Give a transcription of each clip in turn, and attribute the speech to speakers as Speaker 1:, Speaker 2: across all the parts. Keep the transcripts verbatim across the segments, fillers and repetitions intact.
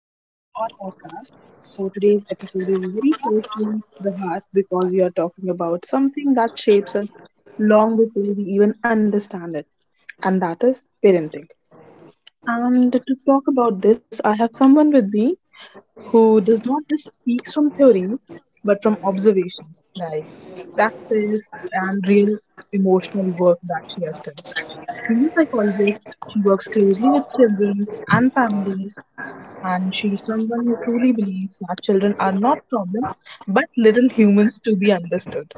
Speaker 1: our podcast. So today's episode is very close to the heart because we are talking about something that shapes us long before we even understand it, and that is parenting. And to talk about this, I have someone with me who does not just speak from theories but from observations like practice and real emotional work that she has done. She's a psychologist, she works closely with children and families, and she's someone who truly believes that children are not problems but little humans to be understood.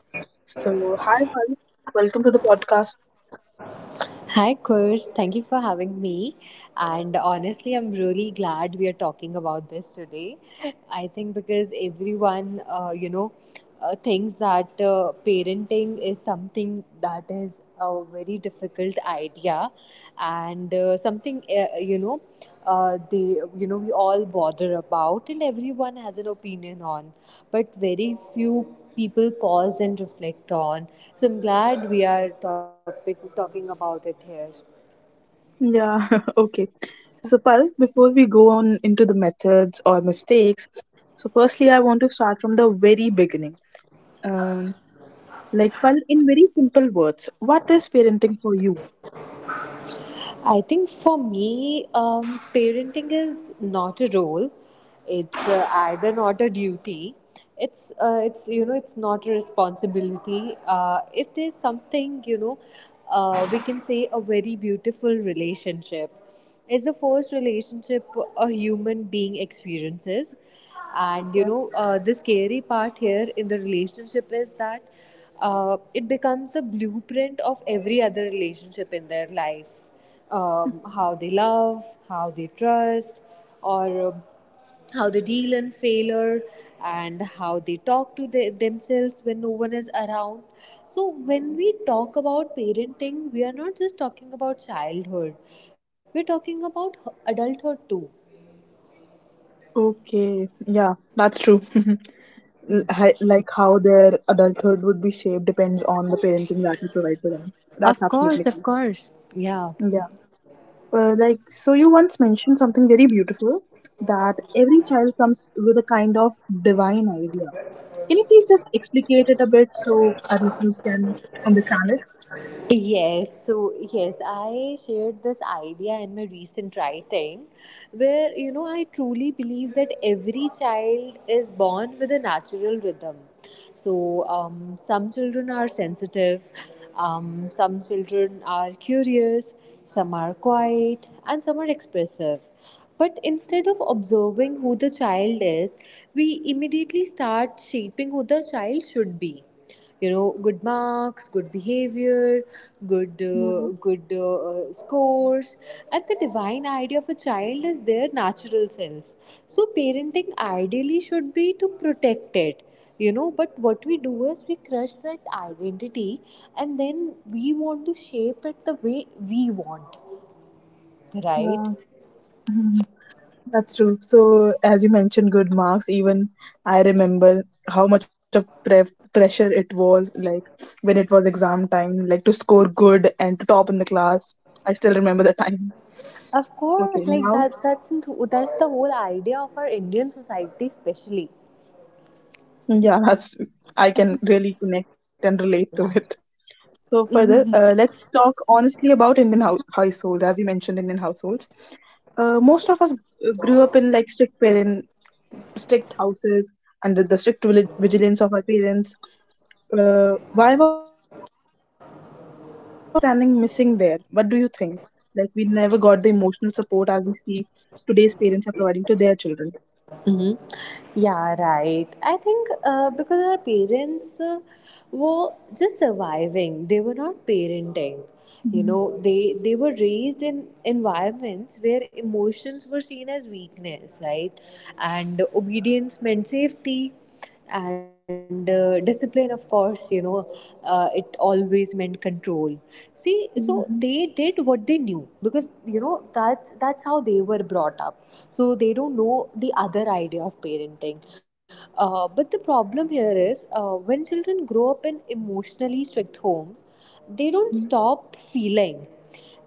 Speaker 1: So, hi, Val. Welcome to the podcast.
Speaker 2: Hi, Kush. Thank you for having me. And honestly, I'm really glad we are talking about this today. I think because everyone, uh, you know, uh, thinks that uh, parenting is something that is a very difficult idea, and uh, something, uh, you know, uh, they, you know, we all bother about, and everyone has an opinion on. But very few people pause and reflect on. So I'm glad we are topic, talking about it here.
Speaker 1: Yeah, okay. So, Pal, before we go on into the methods or mistakes, so firstly, I want to start from the very beginning. Um, like, Pal, in very simple words, what is parenting for you?
Speaker 2: I think for me, um, parenting is not a role. It's uh, either not a duty. It's uh, it's you know it's not a responsibility. Uh, it is something, you know uh, we can say, a very beautiful relationship. It's the first relationship a human being experiences, and you
Speaker 1: Okay.
Speaker 2: know uh, the scary part here in the relationship is that uh, it becomes the blueprint of every other relationship in their life: um, how they love, how they trust, or um how they deal in failure, and how they talk to the, themselves when no one is around. So, when we talk about parenting, we are not just talking about childhood, we're talking about adulthood too.
Speaker 1: Okay, yeah, that's true. L- hi- Like how their adulthood would be shaped depends on the parenting that we provide to them.
Speaker 2: Of
Speaker 1: That's
Speaker 2: course,
Speaker 1: absolutely
Speaker 2: of
Speaker 1: true.
Speaker 2: course. Yeah.
Speaker 1: Yeah. Uh, like, so you once mentioned something very beautiful that every child comes with a kind of divine idea. Can you please just explicate it a bit so our listeners can understand it?
Speaker 2: Yes, so yes, I shared this idea in my recent writing, where you know I truly believe that every child is born with a natural rhythm. So, um, some children are sensitive, um, some children are curious, some are quiet, and some are expressive. But instead of observing who the child is, we immediately start shaping who the child should be: you know good marks, good behavior, good
Speaker 1: Yeah,
Speaker 2: uh, good uh, uh, scores. And the divine idea of a child is their natural self, so parenting ideally should be to protect it. You know but what we do is we crush that identity, and then we want to shape it the way we want, right?
Speaker 1: yeah, that's true. So, as you mentioned, good marks, even I remember how much of pre- pressure it was, like when it was exam time, like to score good and to top in the class. I still remember the time.
Speaker 2: Of
Speaker 1: Okay,
Speaker 2: course, like,
Speaker 1: now.
Speaker 2: that's that's that's the whole idea of our Indian society especially.
Speaker 1: Yeah, that's. I can really connect and relate to it. So further, uh, let's talk honestly about Indian hou- households. As you mentioned, Indian households. Uh, most of us uh, grew up in like strict parent, strict houses under the strict vili- vigilance of our parents. Uh, why was the emotional understanding missing there? What do you think? Like we never got the emotional support as we see today's parents are providing to their children.
Speaker 2: Hmm. Yeah, right. I think uh, because our parents uh, were just surviving; they were not parenting. You know,
Speaker 1: Mm-hmm.
Speaker 2: they they were raised in environments where emotions were seen as weakness, right? And obedience meant safety, and uh, discipline, of course. You know, uh, it always meant control. See, so
Speaker 1: Mm-hmm.
Speaker 2: they did what they knew, because you know that's that's how they were brought up, so they don't know the other idea of parenting. Uh, but the problem here is, uh, when children grow up in emotionally strict homes, they don't stop feeling,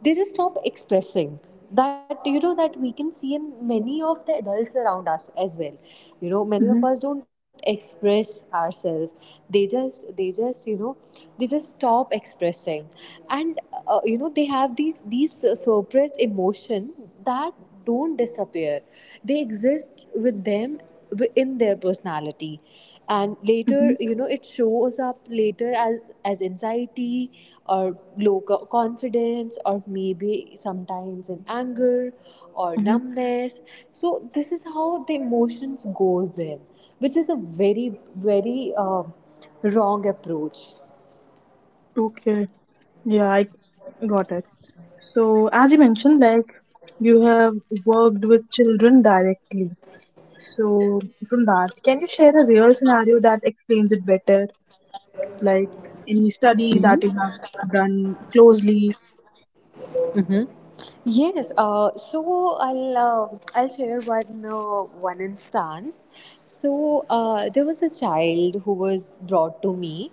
Speaker 2: they just stop expressing. That you know That we can see in many of the adults around us as well. You know many
Speaker 1: Mm-hmm.
Speaker 2: of us don't express ourselves, they just they just you know they just stop expressing. And uh, you know they have these these suppressed emotion that don't disappear, they exist with them in their personality, and later, you know it shows up later as as anxiety, or low co- confidence, or maybe sometimes in anger or
Speaker 1: Mm-hmm.
Speaker 2: numbness. So this is how the emotions goes then, which is a very very uh, wrong approach.
Speaker 1: Okay, yeah, I got it. So, as you mentioned, like you have worked with children directly. So, from that, can you share a real scenario that explains it better? Like any study
Speaker 2: Hmm.
Speaker 1: that you have done closely?
Speaker 2: Mm-hmm. Yes, uh, so I'll uh, I'll share one uh, one instance. So uh, there was a child who was brought to me,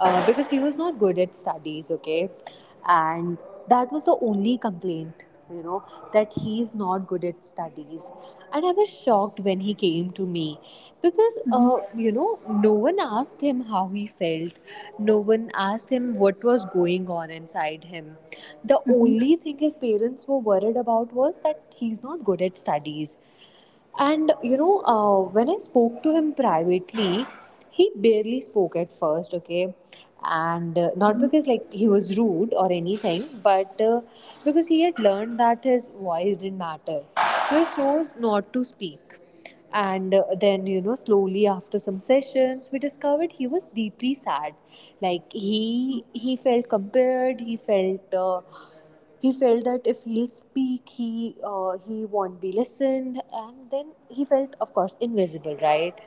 Speaker 2: uh, because he was not good at studies. Okay, and that was the only complaint, you know, that he's not good at studies. And I was shocked when he came to me, because
Speaker 1: Mhm,
Speaker 2: uh, you know no one asked him how he felt, no one asked him what was going on inside him. The
Speaker 1: mhm,
Speaker 2: only thing his parents were worried about was that he's not good at studies. And, you know, uh, when I spoke to him privately, he barely spoke at first, okay? And uh,
Speaker 1: mhm,
Speaker 2: not because like he was rude or anything, but uh, because he had learned that his voice didn't matter. So he chose not to speak. And uh, then, you know, slowly after some sessions, we discovered he was deeply sad. Like, he he felt compared, he felt uh, he felt that if he'll speak, he uh, he won't be listened, and then he felt, of course, invisible, right?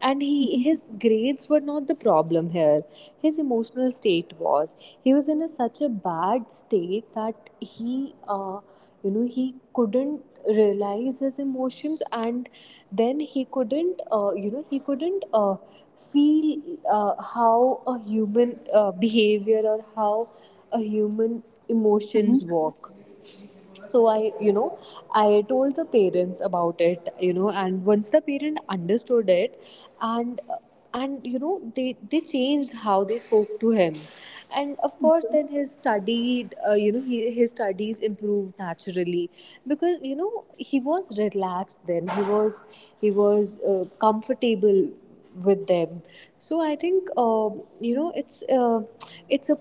Speaker 2: And he
Speaker 1: mhm,
Speaker 2: his grades were not the problem here, his emotional state was. He was in a, such a bad state that he uh, you know he couldn't realize his emotions, and then he couldn't uh, you know he couldn't uh, feel uh, how a human uh, behavior, or how a human
Speaker 1: mhm,
Speaker 2: emotions work. So I you know I told the parents about it. You know and once the parent understood it, and and you know they they changed how they spoke to him, and of course
Speaker 1: okay,
Speaker 2: then his studied uh, you know he, his studies improved naturally, because you know he was relaxed. Then he was he was uh, comfortable with them. So I think, uh, you know it's uh, it's a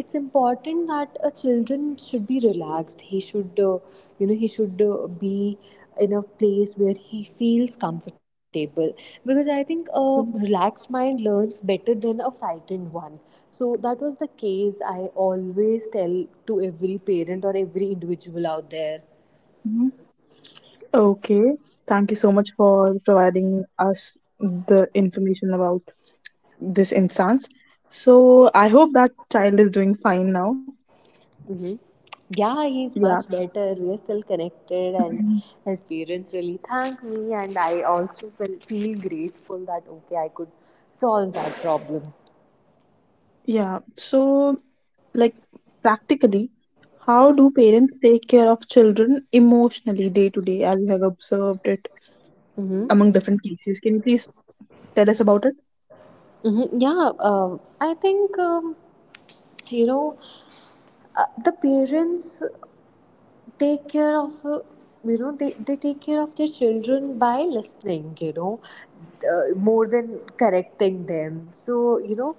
Speaker 2: it's important that a children should be relaxed, he should uh, you know he should uh, be in a place where he feels comfortable, because I think a
Speaker 1: okay,
Speaker 2: relaxed mind learns better than a frightened one. So that was the case I always tell to every parent or every individual out there.
Speaker 1: mhm. Okay, thank you so much for providing us the information about this instance. So, I hope that child is doing fine now.
Speaker 2: Hmm. Yeah, he's
Speaker 1: Yeah.
Speaker 2: much better. We are still connected, and
Speaker 1: Mhm.
Speaker 2: his parents really thank me. And I also feel, feel grateful that, okay, I could solve that problem.
Speaker 1: Yeah, so like practically, how do parents take care of children emotionally day to day as you have observed it
Speaker 2: Mm-hmm.
Speaker 1: among different cases? Can you please tell us about it?
Speaker 2: Mm-hmm. Yeah, um, I think, um, you know uh, the parents take care of, uh, you know they, they take care of their children by listening, you know uh, more than correcting them. So, you know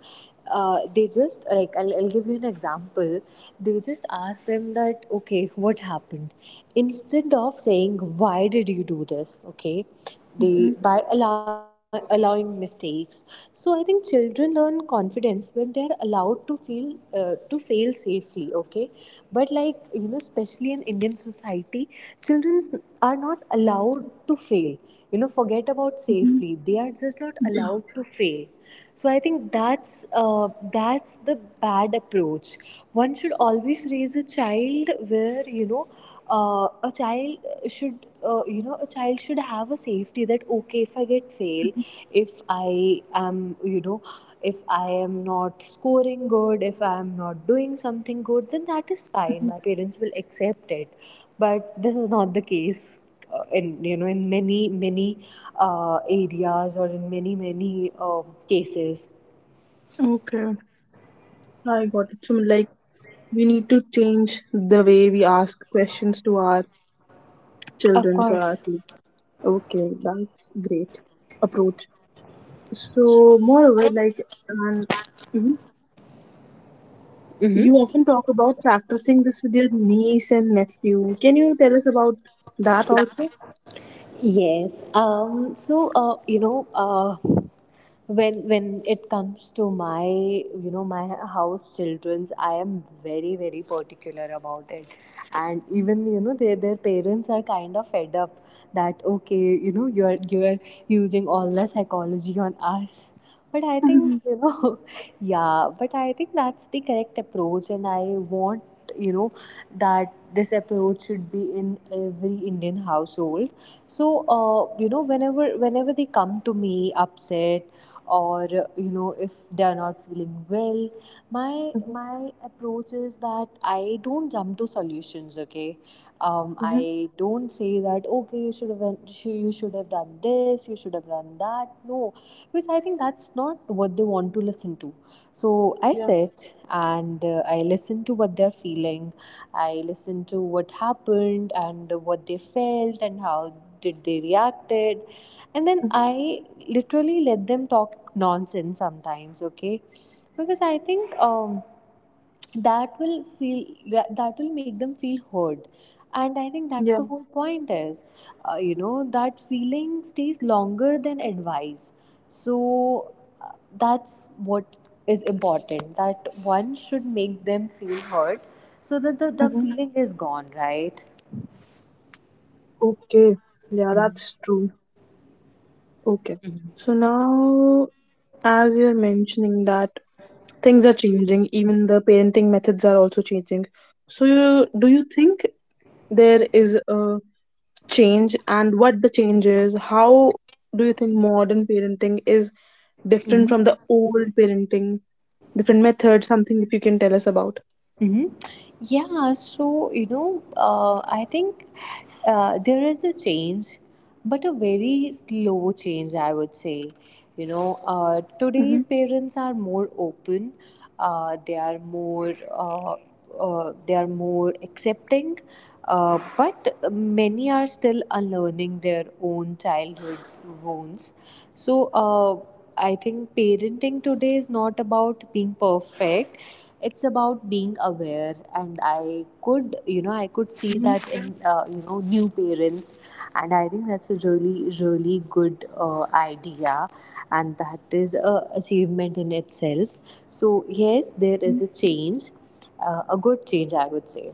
Speaker 2: uh, they just, like, I'll, I'll give you an example. They just ask them that, okay, what happened, instead of saying why did you do this. Okay, they
Speaker 1: Mhm,
Speaker 2: by allow, allowing mistakes. So I think children learn confidence when they are allowed to feel uh, to fail safely, okay? But, like, you know especially in Indian society, children are not allowed to fail. You know forget about
Speaker 1: mhm,
Speaker 2: safely, they are just not
Speaker 1: yeah,
Speaker 2: allowed to fail. So I think that's uh, that's the bad approach. One should always raise a child where, you know uh, a child should uh, you know a child should have a safety that, okay, if I get fail,
Speaker 1: mhm,
Speaker 2: if I am you know if I am not scoring good, if I am not doing something good, then that is fine.
Speaker 1: mhm.
Speaker 2: My parents will accept it. But this is not the case uh, in, you know in many many uh, areas, or in many many um cases.
Speaker 1: Okay, I got it. So, like, we need to change the way we ask questions to our
Speaker 2: Of
Speaker 1: children or
Speaker 2: course.
Speaker 1: our kids. Okay, that's great approach. So, moreover, like, and, mm-hmm.
Speaker 2: Mm-hmm.
Speaker 1: You often talk about practicing this with your niece and nephew. Can you tell us about that also?
Speaker 2: Yes. Um, so uh, you know, uh, when when it comes to my, you know my house childrens, I am very very particular about it, and even, you know their their parents are kind of fed up that, okay, you know you are you are using all the psychology on us. But I think,
Speaker 1: Mhm,
Speaker 2: you know, yeah. But I think that's the correct approach, and I want, you know that this approach should be in every Indian household. So uh, you know whenever whenever they come to me upset, or uh, you know if they are not feeling well, my
Speaker 1: mhm,
Speaker 2: my approach is that I don't jump to solutions, okay? um,
Speaker 1: mhm,
Speaker 2: I don't say that, okay, you should have went- sh- you should have done this, you should have done that, no. Because I think that's not what they want to listen to. So I
Speaker 1: yeah,
Speaker 2: sit and uh, I listen to what they're feeling. I listened to what happened and what they felt and how did they reacted, and then
Speaker 1: mhm,
Speaker 2: I literally let them talk nonsense sometimes, okay? Because I think, um that will feel that, that will make them feel heard, and I think that's
Speaker 1: yeah,
Speaker 2: the whole point, is, uh, you know that feeling stays longer than advice. So, uh, that's what is important, that one should make them feel hurt, so that the, the
Speaker 1: mhm.
Speaker 2: feeling is gone, right?
Speaker 1: Okay. Yeah, that's true. Okay. So now, as you're mentioning that things are changing, even the parenting methods are also changing. So, you, do you think there is a change, and what the change is? How do you think modern parenting is different
Speaker 2: Mm-hmm.
Speaker 1: from the old parenting, different methods, something if you can tell us about.
Speaker 2: Mhm. Yeah, so, you know, uh, I think uh, there is a change, but a very slow change, I would say. You know, uh,
Speaker 1: Mm-hmm.
Speaker 2: today's parents are more open. Uh, they are more. Uh, uh, they are more accepting, uh, but many are still unlearning their own childhood wounds. So, uh, I think parenting today is not about being perfect, it's about being aware, and i could you know i could
Speaker 1: Mm-hmm.
Speaker 2: see that in, uh, you know new parents. And I think that's a really really good uh, idea, and that is a achievement in itself. So yes, there is a change, uh, a good change, I would say.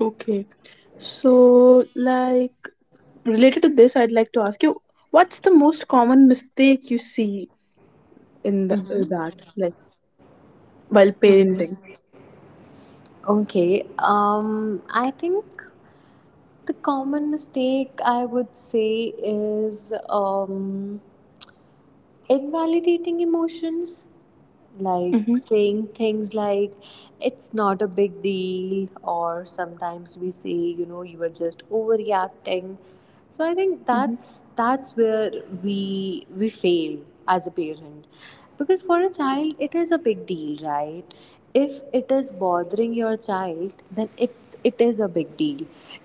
Speaker 1: Okay. So, like, related to this, I'd like to ask you, what's the most common mistake you see in the, uh,
Speaker 2: Hmm.
Speaker 1: that, like, while parenting?
Speaker 2: Hmm. Okay. Um, I think The common mistake I would say is um, invalidating emotions, like
Speaker 1: Mm-hmm.
Speaker 2: saying things like, it's not a big deal, or sometimes we say, you know, you were just overreacting. So I think
Speaker 1: Mm-hmm.
Speaker 2: that's that's where we we fail as a parent, because for a child it is a big deal, right? If it is bothering your child, then it's it is a big deal.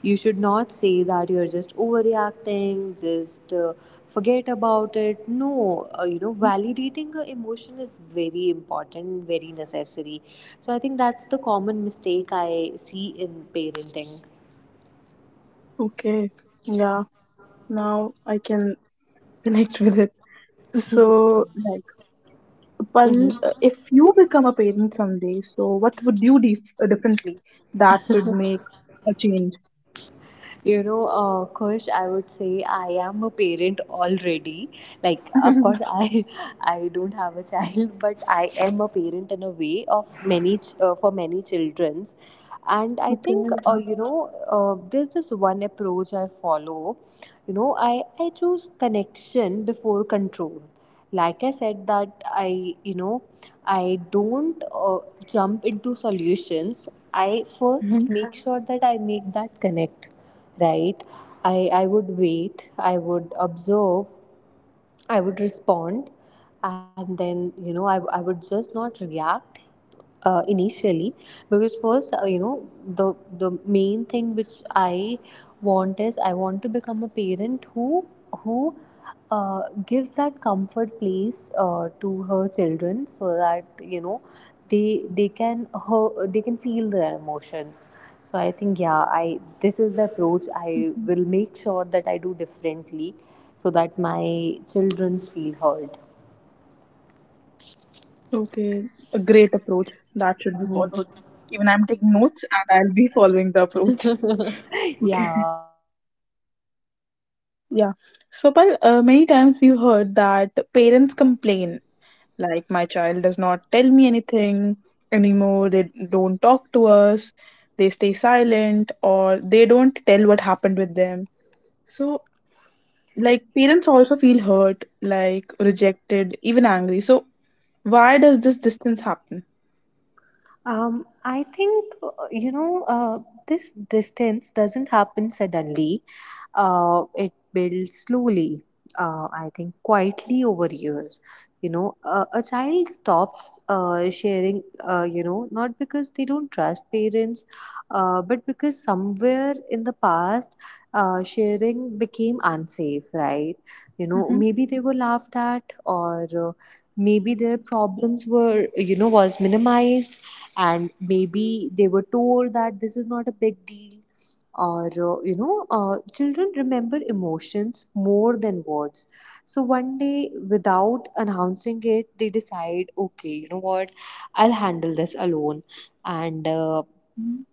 Speaker 2: You should not say that you're just overreacting, just uh, forget about it. No, uh, you know, validating a emotion is very important, very necessary. So I think that's the common mistake I see in parenting.
Speaker 1: Okay. Yeah. Now I can connect with it. So, like, Pal,
Speaker 2: Mm-hmm.
Speaker 1: uh, if you become a parent someday, so what would you do dif- uh, differently that would make a change?
Speaker 2: You know, uh, Kush, I would say I am a parent already. Like, of
Speaker 1: Okay.
Speaker 2: course, I I don't have a child, but I am a parent in a way of many ch- uh, for many children. And I think uh,
Speaker 1: Yeah.
Speaker 2: you know uh, there's this one approach I follow. you know i i choose connection before control. Like, I said that I you know I don't uh, jump into solutions, I first make
Speaker 1: Mhm,
Speaker 2: sure that I make that connect, right? I i would wait, I would observe, I would respond, and then you know i, I would just not react uh, initially, because first, uh, you know the the main thing which I want is I want to become a parent who who uh, gives that comfort place uh, to her children, so that you know they they can her, they can feel their emotions. So I think, yeah, I this is the
Speaker 1: mhm.
Speaker 2: approach I will make sure that I do differently, so that my children's feel heard.
Speaker 1: Okay. A great approach that should be
Speaker 2: Mhm.
Speaker 1: followed. Even I'm taking notes and I'll be following the approach. Okay.
Speaker 2: Yeah.
Speaker 1: Yeah. So, Pal, uh, many times we've heard that parents complain, like, my child does not tell me anything anymore, they don't talk to us, they stay silent, or they don't tell what happened with them. So, like, parents also feel hurt, like, rejected, even angry. So, why does this distance happen?
Speaker 2: Um, I think uh, you know uh, this distance doesn't happen suddenly. Uh, it builds slowly. Uh, I think quietly over years. You know, uh, a child stops uh, sharing. Uh, you know, not because they don't trust parents, uh, but because somewhere in the past, uh, sharing became unsafe, right? You know,
Speaker 1: Mhm,
Speaker 2: maybe they were laughed at, or uh, maybe their problems were, you know was minimized, and maybe they were told that this is not a big deal, or uh, you know uh, children remember emotions more than words. So one day, without announcing it, they decide, okay, you know what, I'll handle this alone. And uh,
Speaker 1: mhm,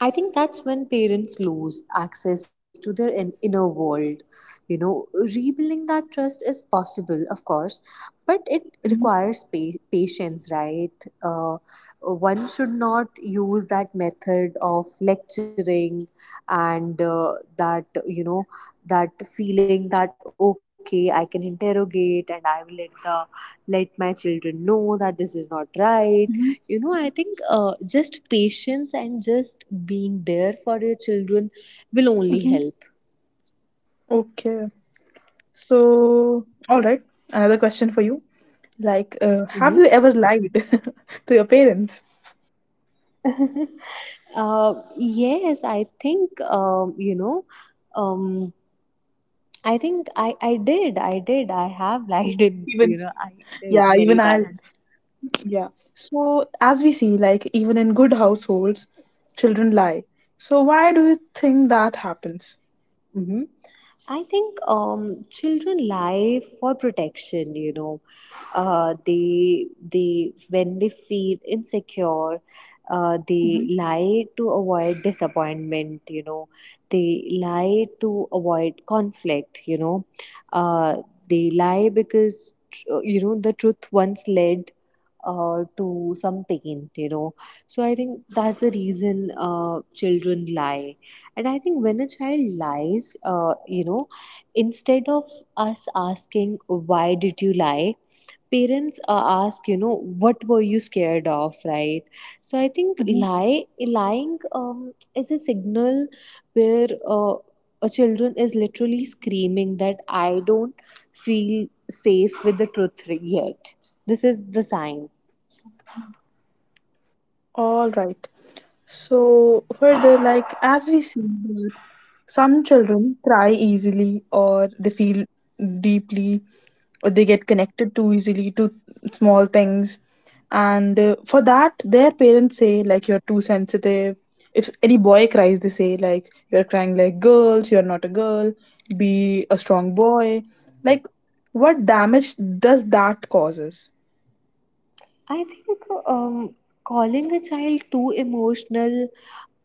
Speaker 2: I think that's when parents lose access to their in- inner world. You know, rebuilding that trust is possible, of course, but it
Speaker 1: mhm,
Speaker 2: requires pa- patience, right? Uh, One should not use that method of lecturing, and uh, that, you know, that feeling that, okay, I can interrogate and I will let the let my children know that this is not right. You
Speaker 1: mhm,
Speaker 2: know, I think uh, just patience and just being there for your children will only
Speaker 1: mhm.
Speaker 2: help.
Speaker 1: Okay. So, all right. Another question for you. Like, uh,
Speaker 2: Hmm.
Speaker 1: have you ever lied to your parents?
Speaker 2: Uh, yes, I think, um, you know um, i think I, I did I did I have lied in, you
Speaker 1: Even,
Speaker 2: know I did
Speaker 1: yeah,
Speaker 2: many
Speaker 1: even Ireland. Yeah. So, as we see, like, even in good households, children lie. So, why do you think that happens?
Speaker 2: times. I think, um, children lie for protection. You know, uh, they they when they feel insecure, uh, they
Speaker 1: Mhm,
Speaker 2: lie to avoid disappointment. You know, they lie to avoid conflict. You know, uh, they lie because uh, you know the truth once led Uh, to some pain, you know. So I think that's the reason uh, children lie, and I think when a child lies, uh, you know, instead of us asking, why did you lie? Parents uh, ask, you know, what were you scared of, right? So I think
Speaker 1: mhm.
Speaker 2: lie, lying, um, is a signal where uh, a children is literally screaming that I don't feel safe with the truth yet. This is the sign.
Speaker 1: All right. So further, like as we see that some children cry easily or they feel deeply or they get connected too easily to small things. And uh, for that, their parents say like you're too sensitive. If any boy cries, they say like you're crying like girls, you're not a girl, be a strong boy. Like what damage does that causes?
Speaker 2: I think, um, calling a child too emotional,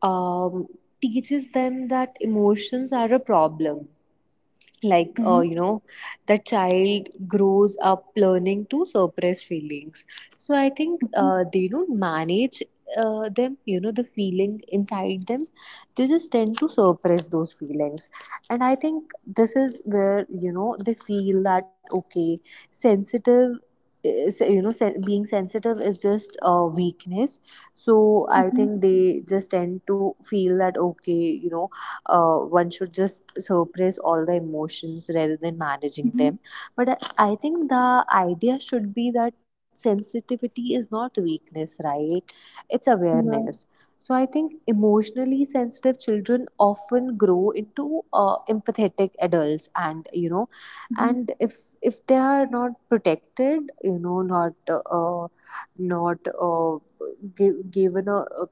Speaker 2: um, teaches them that emotions are a problem, like, uh,
Speaker 1: Mm-hmm.
Speaker 2: you know, the child grows up learning to suppress feelings. So I think
Speaker 1: Mm-hmm.
Speaker 2: uh, they don't manage uh, them, you know, the feeling inside them. They just tend to suppress those feelings, and I think this is where, you know, they feel that, okay, sensitive is, you know sen- being sensitive is just a uh, weakness. So I
Speaker 1: Mm-hmm.
Speaker 2: think they just tend to feel that, okay, you know uh, one should just suppress all the emotions rather than managing
Speaker 1: Mm-hmm.
Speaker 2: them, but i I think the idea should be that sensitivity is not weakness, right? It's
Speaker 1: Yeah.
Speaker 2: awareness. So I think emotionally sensitive children often grow into uh, empathetic adults, and you know, and if if they are not protected, you know, not uh, not uh, gi- given a, a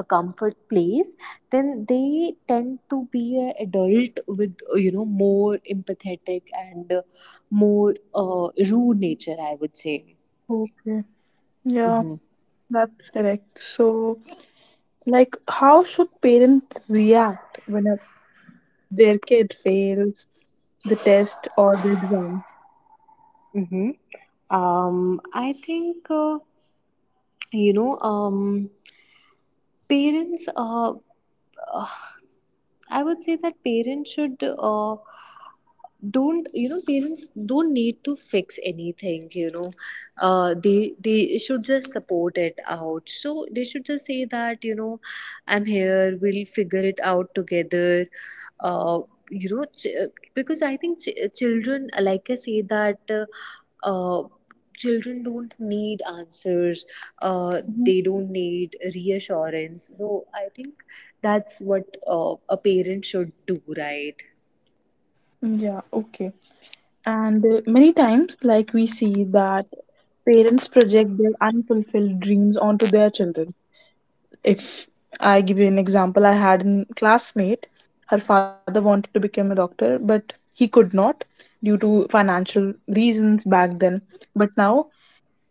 Speaker 2: a comfort place, then they tend to be an adult with, uh, you know, more empathetic, and uh, more uh, rude nature, I would say.
Speaker 1: Mm-hmm. Yeah,
Speaker 2: Hmm.
Speaker 1: that's correct. So, like, how should parents react when a, their kid fails the test or the exam?
Speaker 2: Mm-hmm. Um, I think uh, you know. Um, Parents, uh, uh, I would say that parents should uh, don't you know parents don't need to fix anything, you know. uh, they they should just support it out, so they should just say that, you know, I'm here, we'll figure it out together. uh, you know ch- uh, because I think ch- children, like I say that, uh, uh, children don't need answers. Uh,
Speaker 1: Mhm.
Speaker 2: they don't need reassurance. So I think that's what uh, a parent should do, right?
Speaker 1: Yeah, okay. And uh, many times, like, we see that parents project their unfulfilled dreams onto their children. If I give you an example, I had a classmate, her father wanted to become a doctor, but he could not due to financial reasons back then. But now,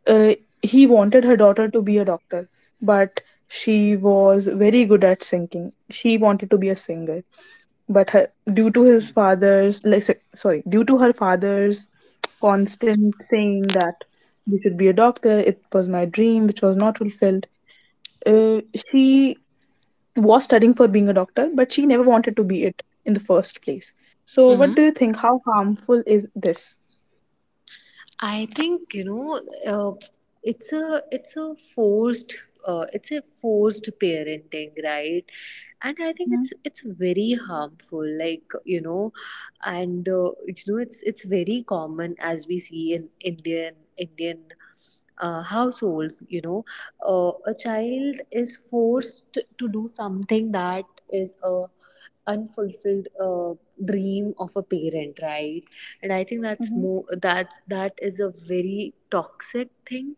Speaker 1: uh, he wanted her daughter to be a doctor, but she was very good at singing. She wanted to be a singer, but her, due to his father's, like, so- sorry, due to her father's constant saying that you should be a doctor, it was my dream, which was not fulfilled. Uh, she was studying for being a doctor, but she never wanted to be it in the first place. So, what do you think? How harmful is this?
Speaker 2: I think, you know, uh, it's a it's a forced uh, it's a forced parenting, right? And I think it's it's very harmful, like, you know, and uh, you know it's it's very common, as we see in Indian Indian uh, households. You know, uh, a child is forced to do something that is a unfulfilled uh, dream of a parent, right? And I think that's more
Speaker 1: Mm-hmm.
Speaker 2: that that is a very toxic thing,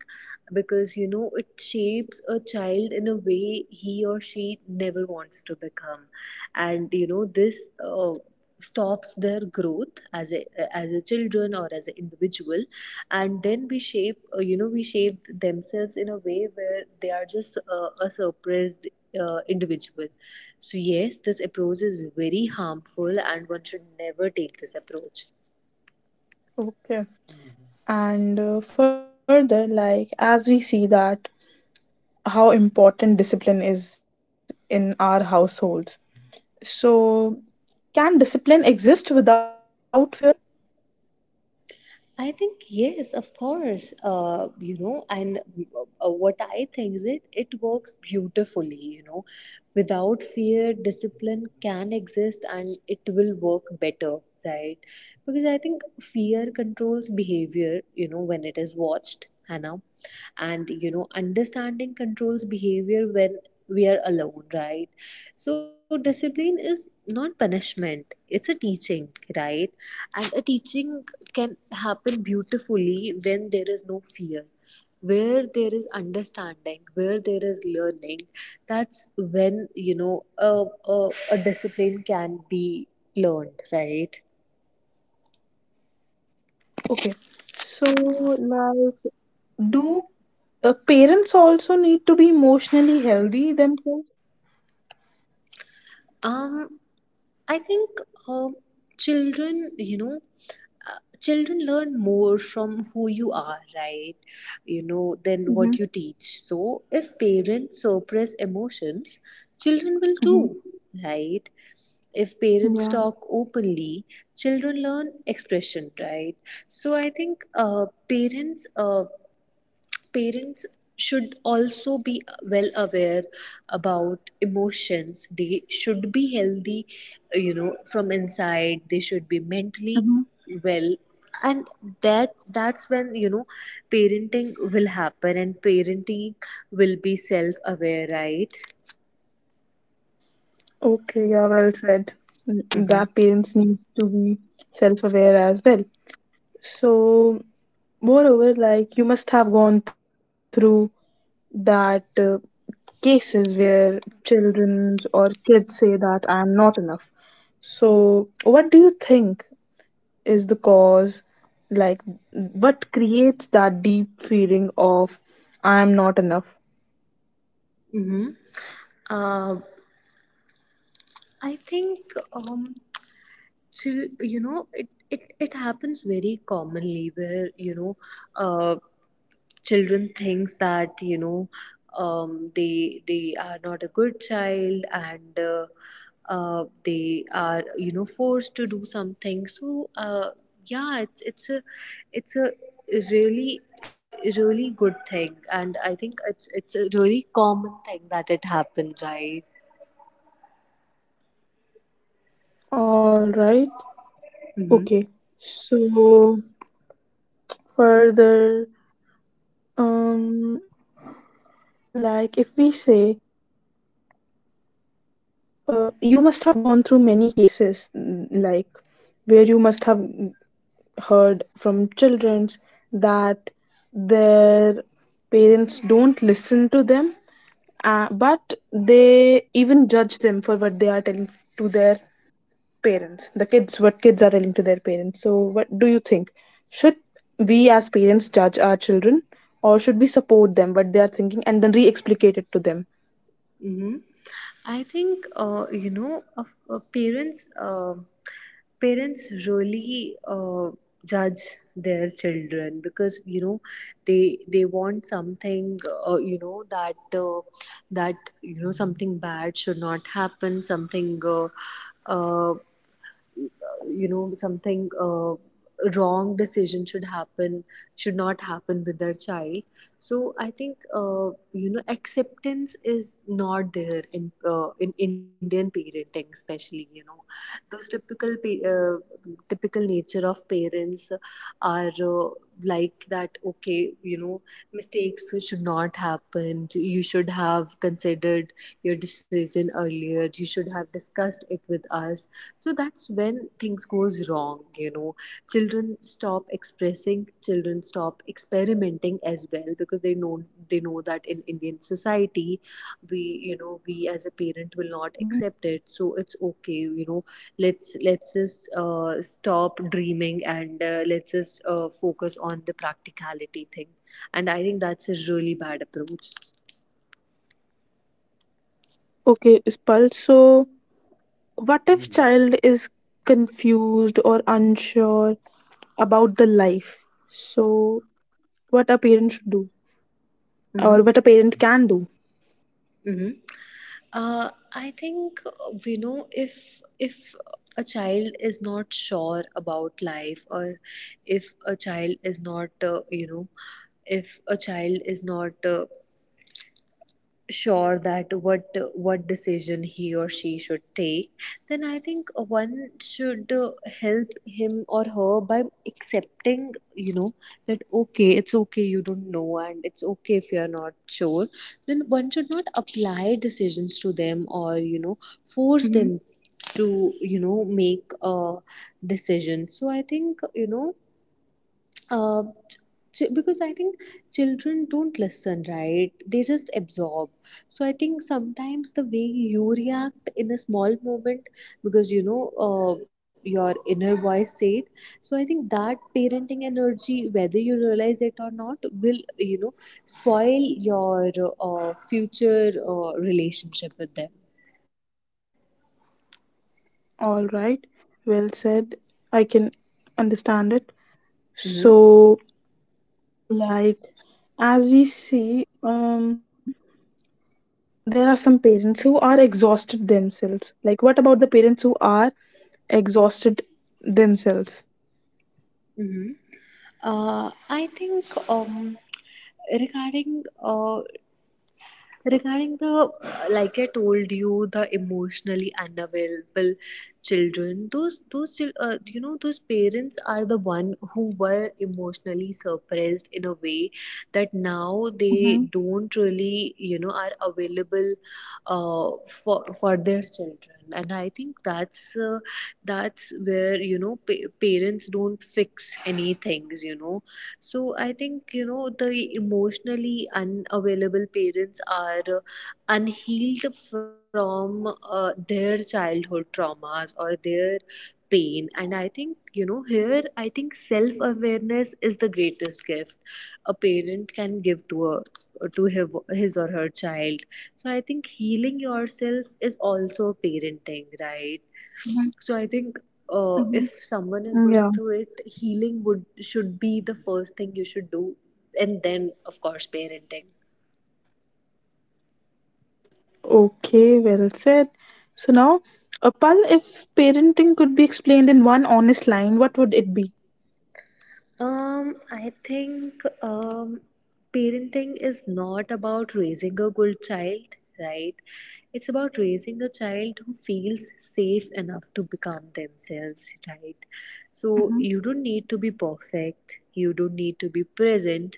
Speaker 2: because, you know, it shapes a child in a way he or she never wants to become. And you know, this uh, stops their growth as a as a children or as an individual. And then we shape uh, you know we shape themselves in a way where they are just uh, a suppressed uh, individual. So yes, this approach is very harmful, and one should never take this approach.
Speaker 1: Okay. and uh, further, like as we see that how important discipline is in our households, so can discipline exist without fear?
Speaker 2: I think yes, of course. Uh, you know, and uh, what I think is it it works beautifully. You know, without fear, discipline can exist, and it will work better, right? Because I think fear controls behavior, you know, when it is watched, Hannah, and you know understanding controls behavior when we are alone, right? So discipline is not punishment, it's a teaching, right? And a teaching can happen beautifully when there is no fear, where there is understanding, where there is learning. That's when, you know, a, a, a discipline can be learned, right?
Speaker 1: Okay, so like do uh, parents also need to be emotionally healthy themselves?
Speaker 2: Um, I think, um children, you know, uh, children learn more from who you are, right? You know, than
Speaker 1: Mm-hmm.
Speaker 2: what you teach. So if parents suppress emotions, children will
Speaker 1: Mm-hmm.
Speaker 2: too, right? If parents
Speaker 1: Yeah.
Speaker 2: talk openly, children learn expression, right? So I think uh, parents uh, parents should also be well aware about emotions. They should be healthy, you know, from inside. They should be mentally
Speaker 1: Mm-hmm.
Speaker 2: well, and that that's when, you know, parenting will happen, and parenting will be self aware, right?
Speaker 1: Okay, yeah, well said. N-
Speaker 2: Mm-hmm.
Speaker 1: that parents need to be self-aware as well. So, moreover, like, you must have gone through that uh, cases where children or kids say that I am not enough. So, what do you think is the cause? Like, what creates that deep feeling of I am not enough?
Speaker 2: Mm-hmm. Uh, I think, um, to, you know, it, it it happens very commonly where, you know, uh, children thinks that, you know, um, they they are not a good child, and uh, uh, they are, you know, forced to do something, so uh, yeah, it's it's a it's a really really good thing, and I think it's it's a really common thing that it happens, right?
Speaker 1: All right.
Speaker 2: Mm-hmm.
Speaker 1: Okay. So, further, um, like if we say, uh, you must have gone through many cases, mm, like where you must have heard from children that their parents don't listen to them, uh, but they even judge them for what they are telling to their parents. The kids, what kids are telling to their parents. So, what do you think? Should we as parents judge our children, or should we support them what they are thinking and then re-explicate it to them?
Speaker 2: Mm-hmm. I think, uh, you know, of uh, parents. Uh, parents really uh, judge their children because, you know, they they want something, uh, you know, that uh, that, you know, something bad should not happen. Something, uh, uh, you know, something uh, wrong decision should happen should not happen with their child. So I think, uh, you know, acceptance is not there in, uh, in Indian parenting especially, you know, those typical pa- uh, typical nature of parents are, uh, like that, okay, you know, mistakes should not happen, you should have considered your decision earlier, you should have discussed it with us. So that's when things goes wrong, you know. Children stop expressing, children stop experimenting as well because they know they know that in Indian society, we you know we, as a parent, will not
Speaker 1: Mhm.
Speaker 2: accept it. So it's okay, you know, let's let's just uh, stop dreaming, and uh, let's just uh, focus on the practicality thing. And I think that's a really bad approach.
Speaker 1: Okay, Ispal. So, what if child is confused or unsure about the life. So, what a parent should do,
Speaker 2: Mm-hmm.
Speaker 1: or what a parent can do.
Speaker 2: Mm-hmm. Uh, I think, uh, you know, if if a child is not sure about life, or if a child is not, uh, you know, if a child is not uh, sure that what what decision he or she should take, then I think one should uh, help him or her by accepting, you know, that, okay, it's okay you don't know, and it's okay if you're not sure. Then one should not apply decisions to them, or, you know, force them
Speaker 1: Hmm.
Speaker 2: to, you know, make a decision. So I think, you know uh, ch- because I think children don't listen, right? They just absorb. So I think sometimes the way you react in a small moment, because, you know, uh, your inner voice said. So I think that parenting energy, whether you realize it or not, will, you know, spoil your uh, future uh, relationship with them.
Speaker 1: All right, well said. I can understand it.
Speaker 2: Hmm.
Speaker 1: So, like, as we see, um, there are some parents who are exhausted themselves. Like, what about the parents who are exhausted themselves?
Speaker 2: Hmm. Uh, I think, um, regarding uh, regarding the, uh, like I told you, the emotionally unavailable children, those those chil- uh, you know those parents are the one who were emotionally suppressed in a way that now they
Speaker 1: Hmm.
Speaker 2: don't really, you know, are available uh, for for their children, and I think that's uh, that's where, you know, pa- parents don't fix any things, you know. So I think, you know, the emotionally unavailable parents are uh, unhealed from uh, their childhood traumas or their pain. And I think, you know, here I think self awareness is the greatest gift a parent can give to a to his, his or her child. So I think healing yourself is also parenting, right?
Speaker 1: Hmm.
Speaker 2: So I think,
Speaker 1: Hmm.
Speaker 2: uh, if someone
Speaker 1: Yeah.
Speaker 2: is going through it, healing would should be the first thing you should do, and then, of course, parenting.
Speaker 1: Okay, well said. So now, Apal, if parenting could be explained in one honest line, what would it be?
Speaker 2: um I think, um parenting is not about raising a good child, right? It's about raising a child who feels safe enough to become themselves, right? So
Speaker 1: Mm-hmm.
Speaker 2: you don't need to be perfect, you don't need to be present,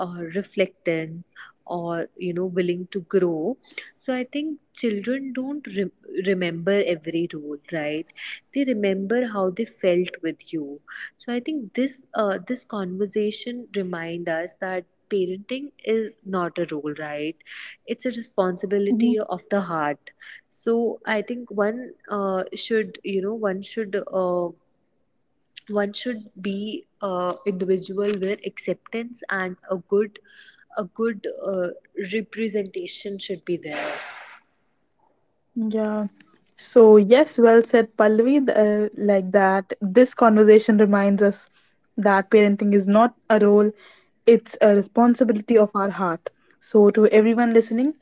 Speaker 2: or reflecting, or, you know, willing to grow. So I think children don't re- remember every rule, right? They remember how they felt with you. So I think this uh, this conversation remind us that parenting is not a role, right? It's a responsibility of the heart. So I think one uh, should you know one should uh, one should be a individual where acceptance and a good a good uh, representation should be there.
Speaker 1: Yeah. So, yes, well said, Pallavi. th- Uh, like that, this conversation reminds us that parenting is not a role, it's a responsibility of our heart. So, to everyone listening,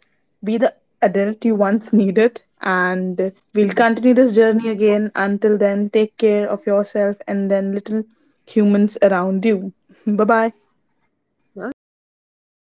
Speaker 1: be the adult you once needed, and
Speaker 2: Mm.
Speaker 1: we'll continue this journey again. Until then, take care of yourself and then little humans around you. Bye bye.
Speaker 2: Okay, bye bye.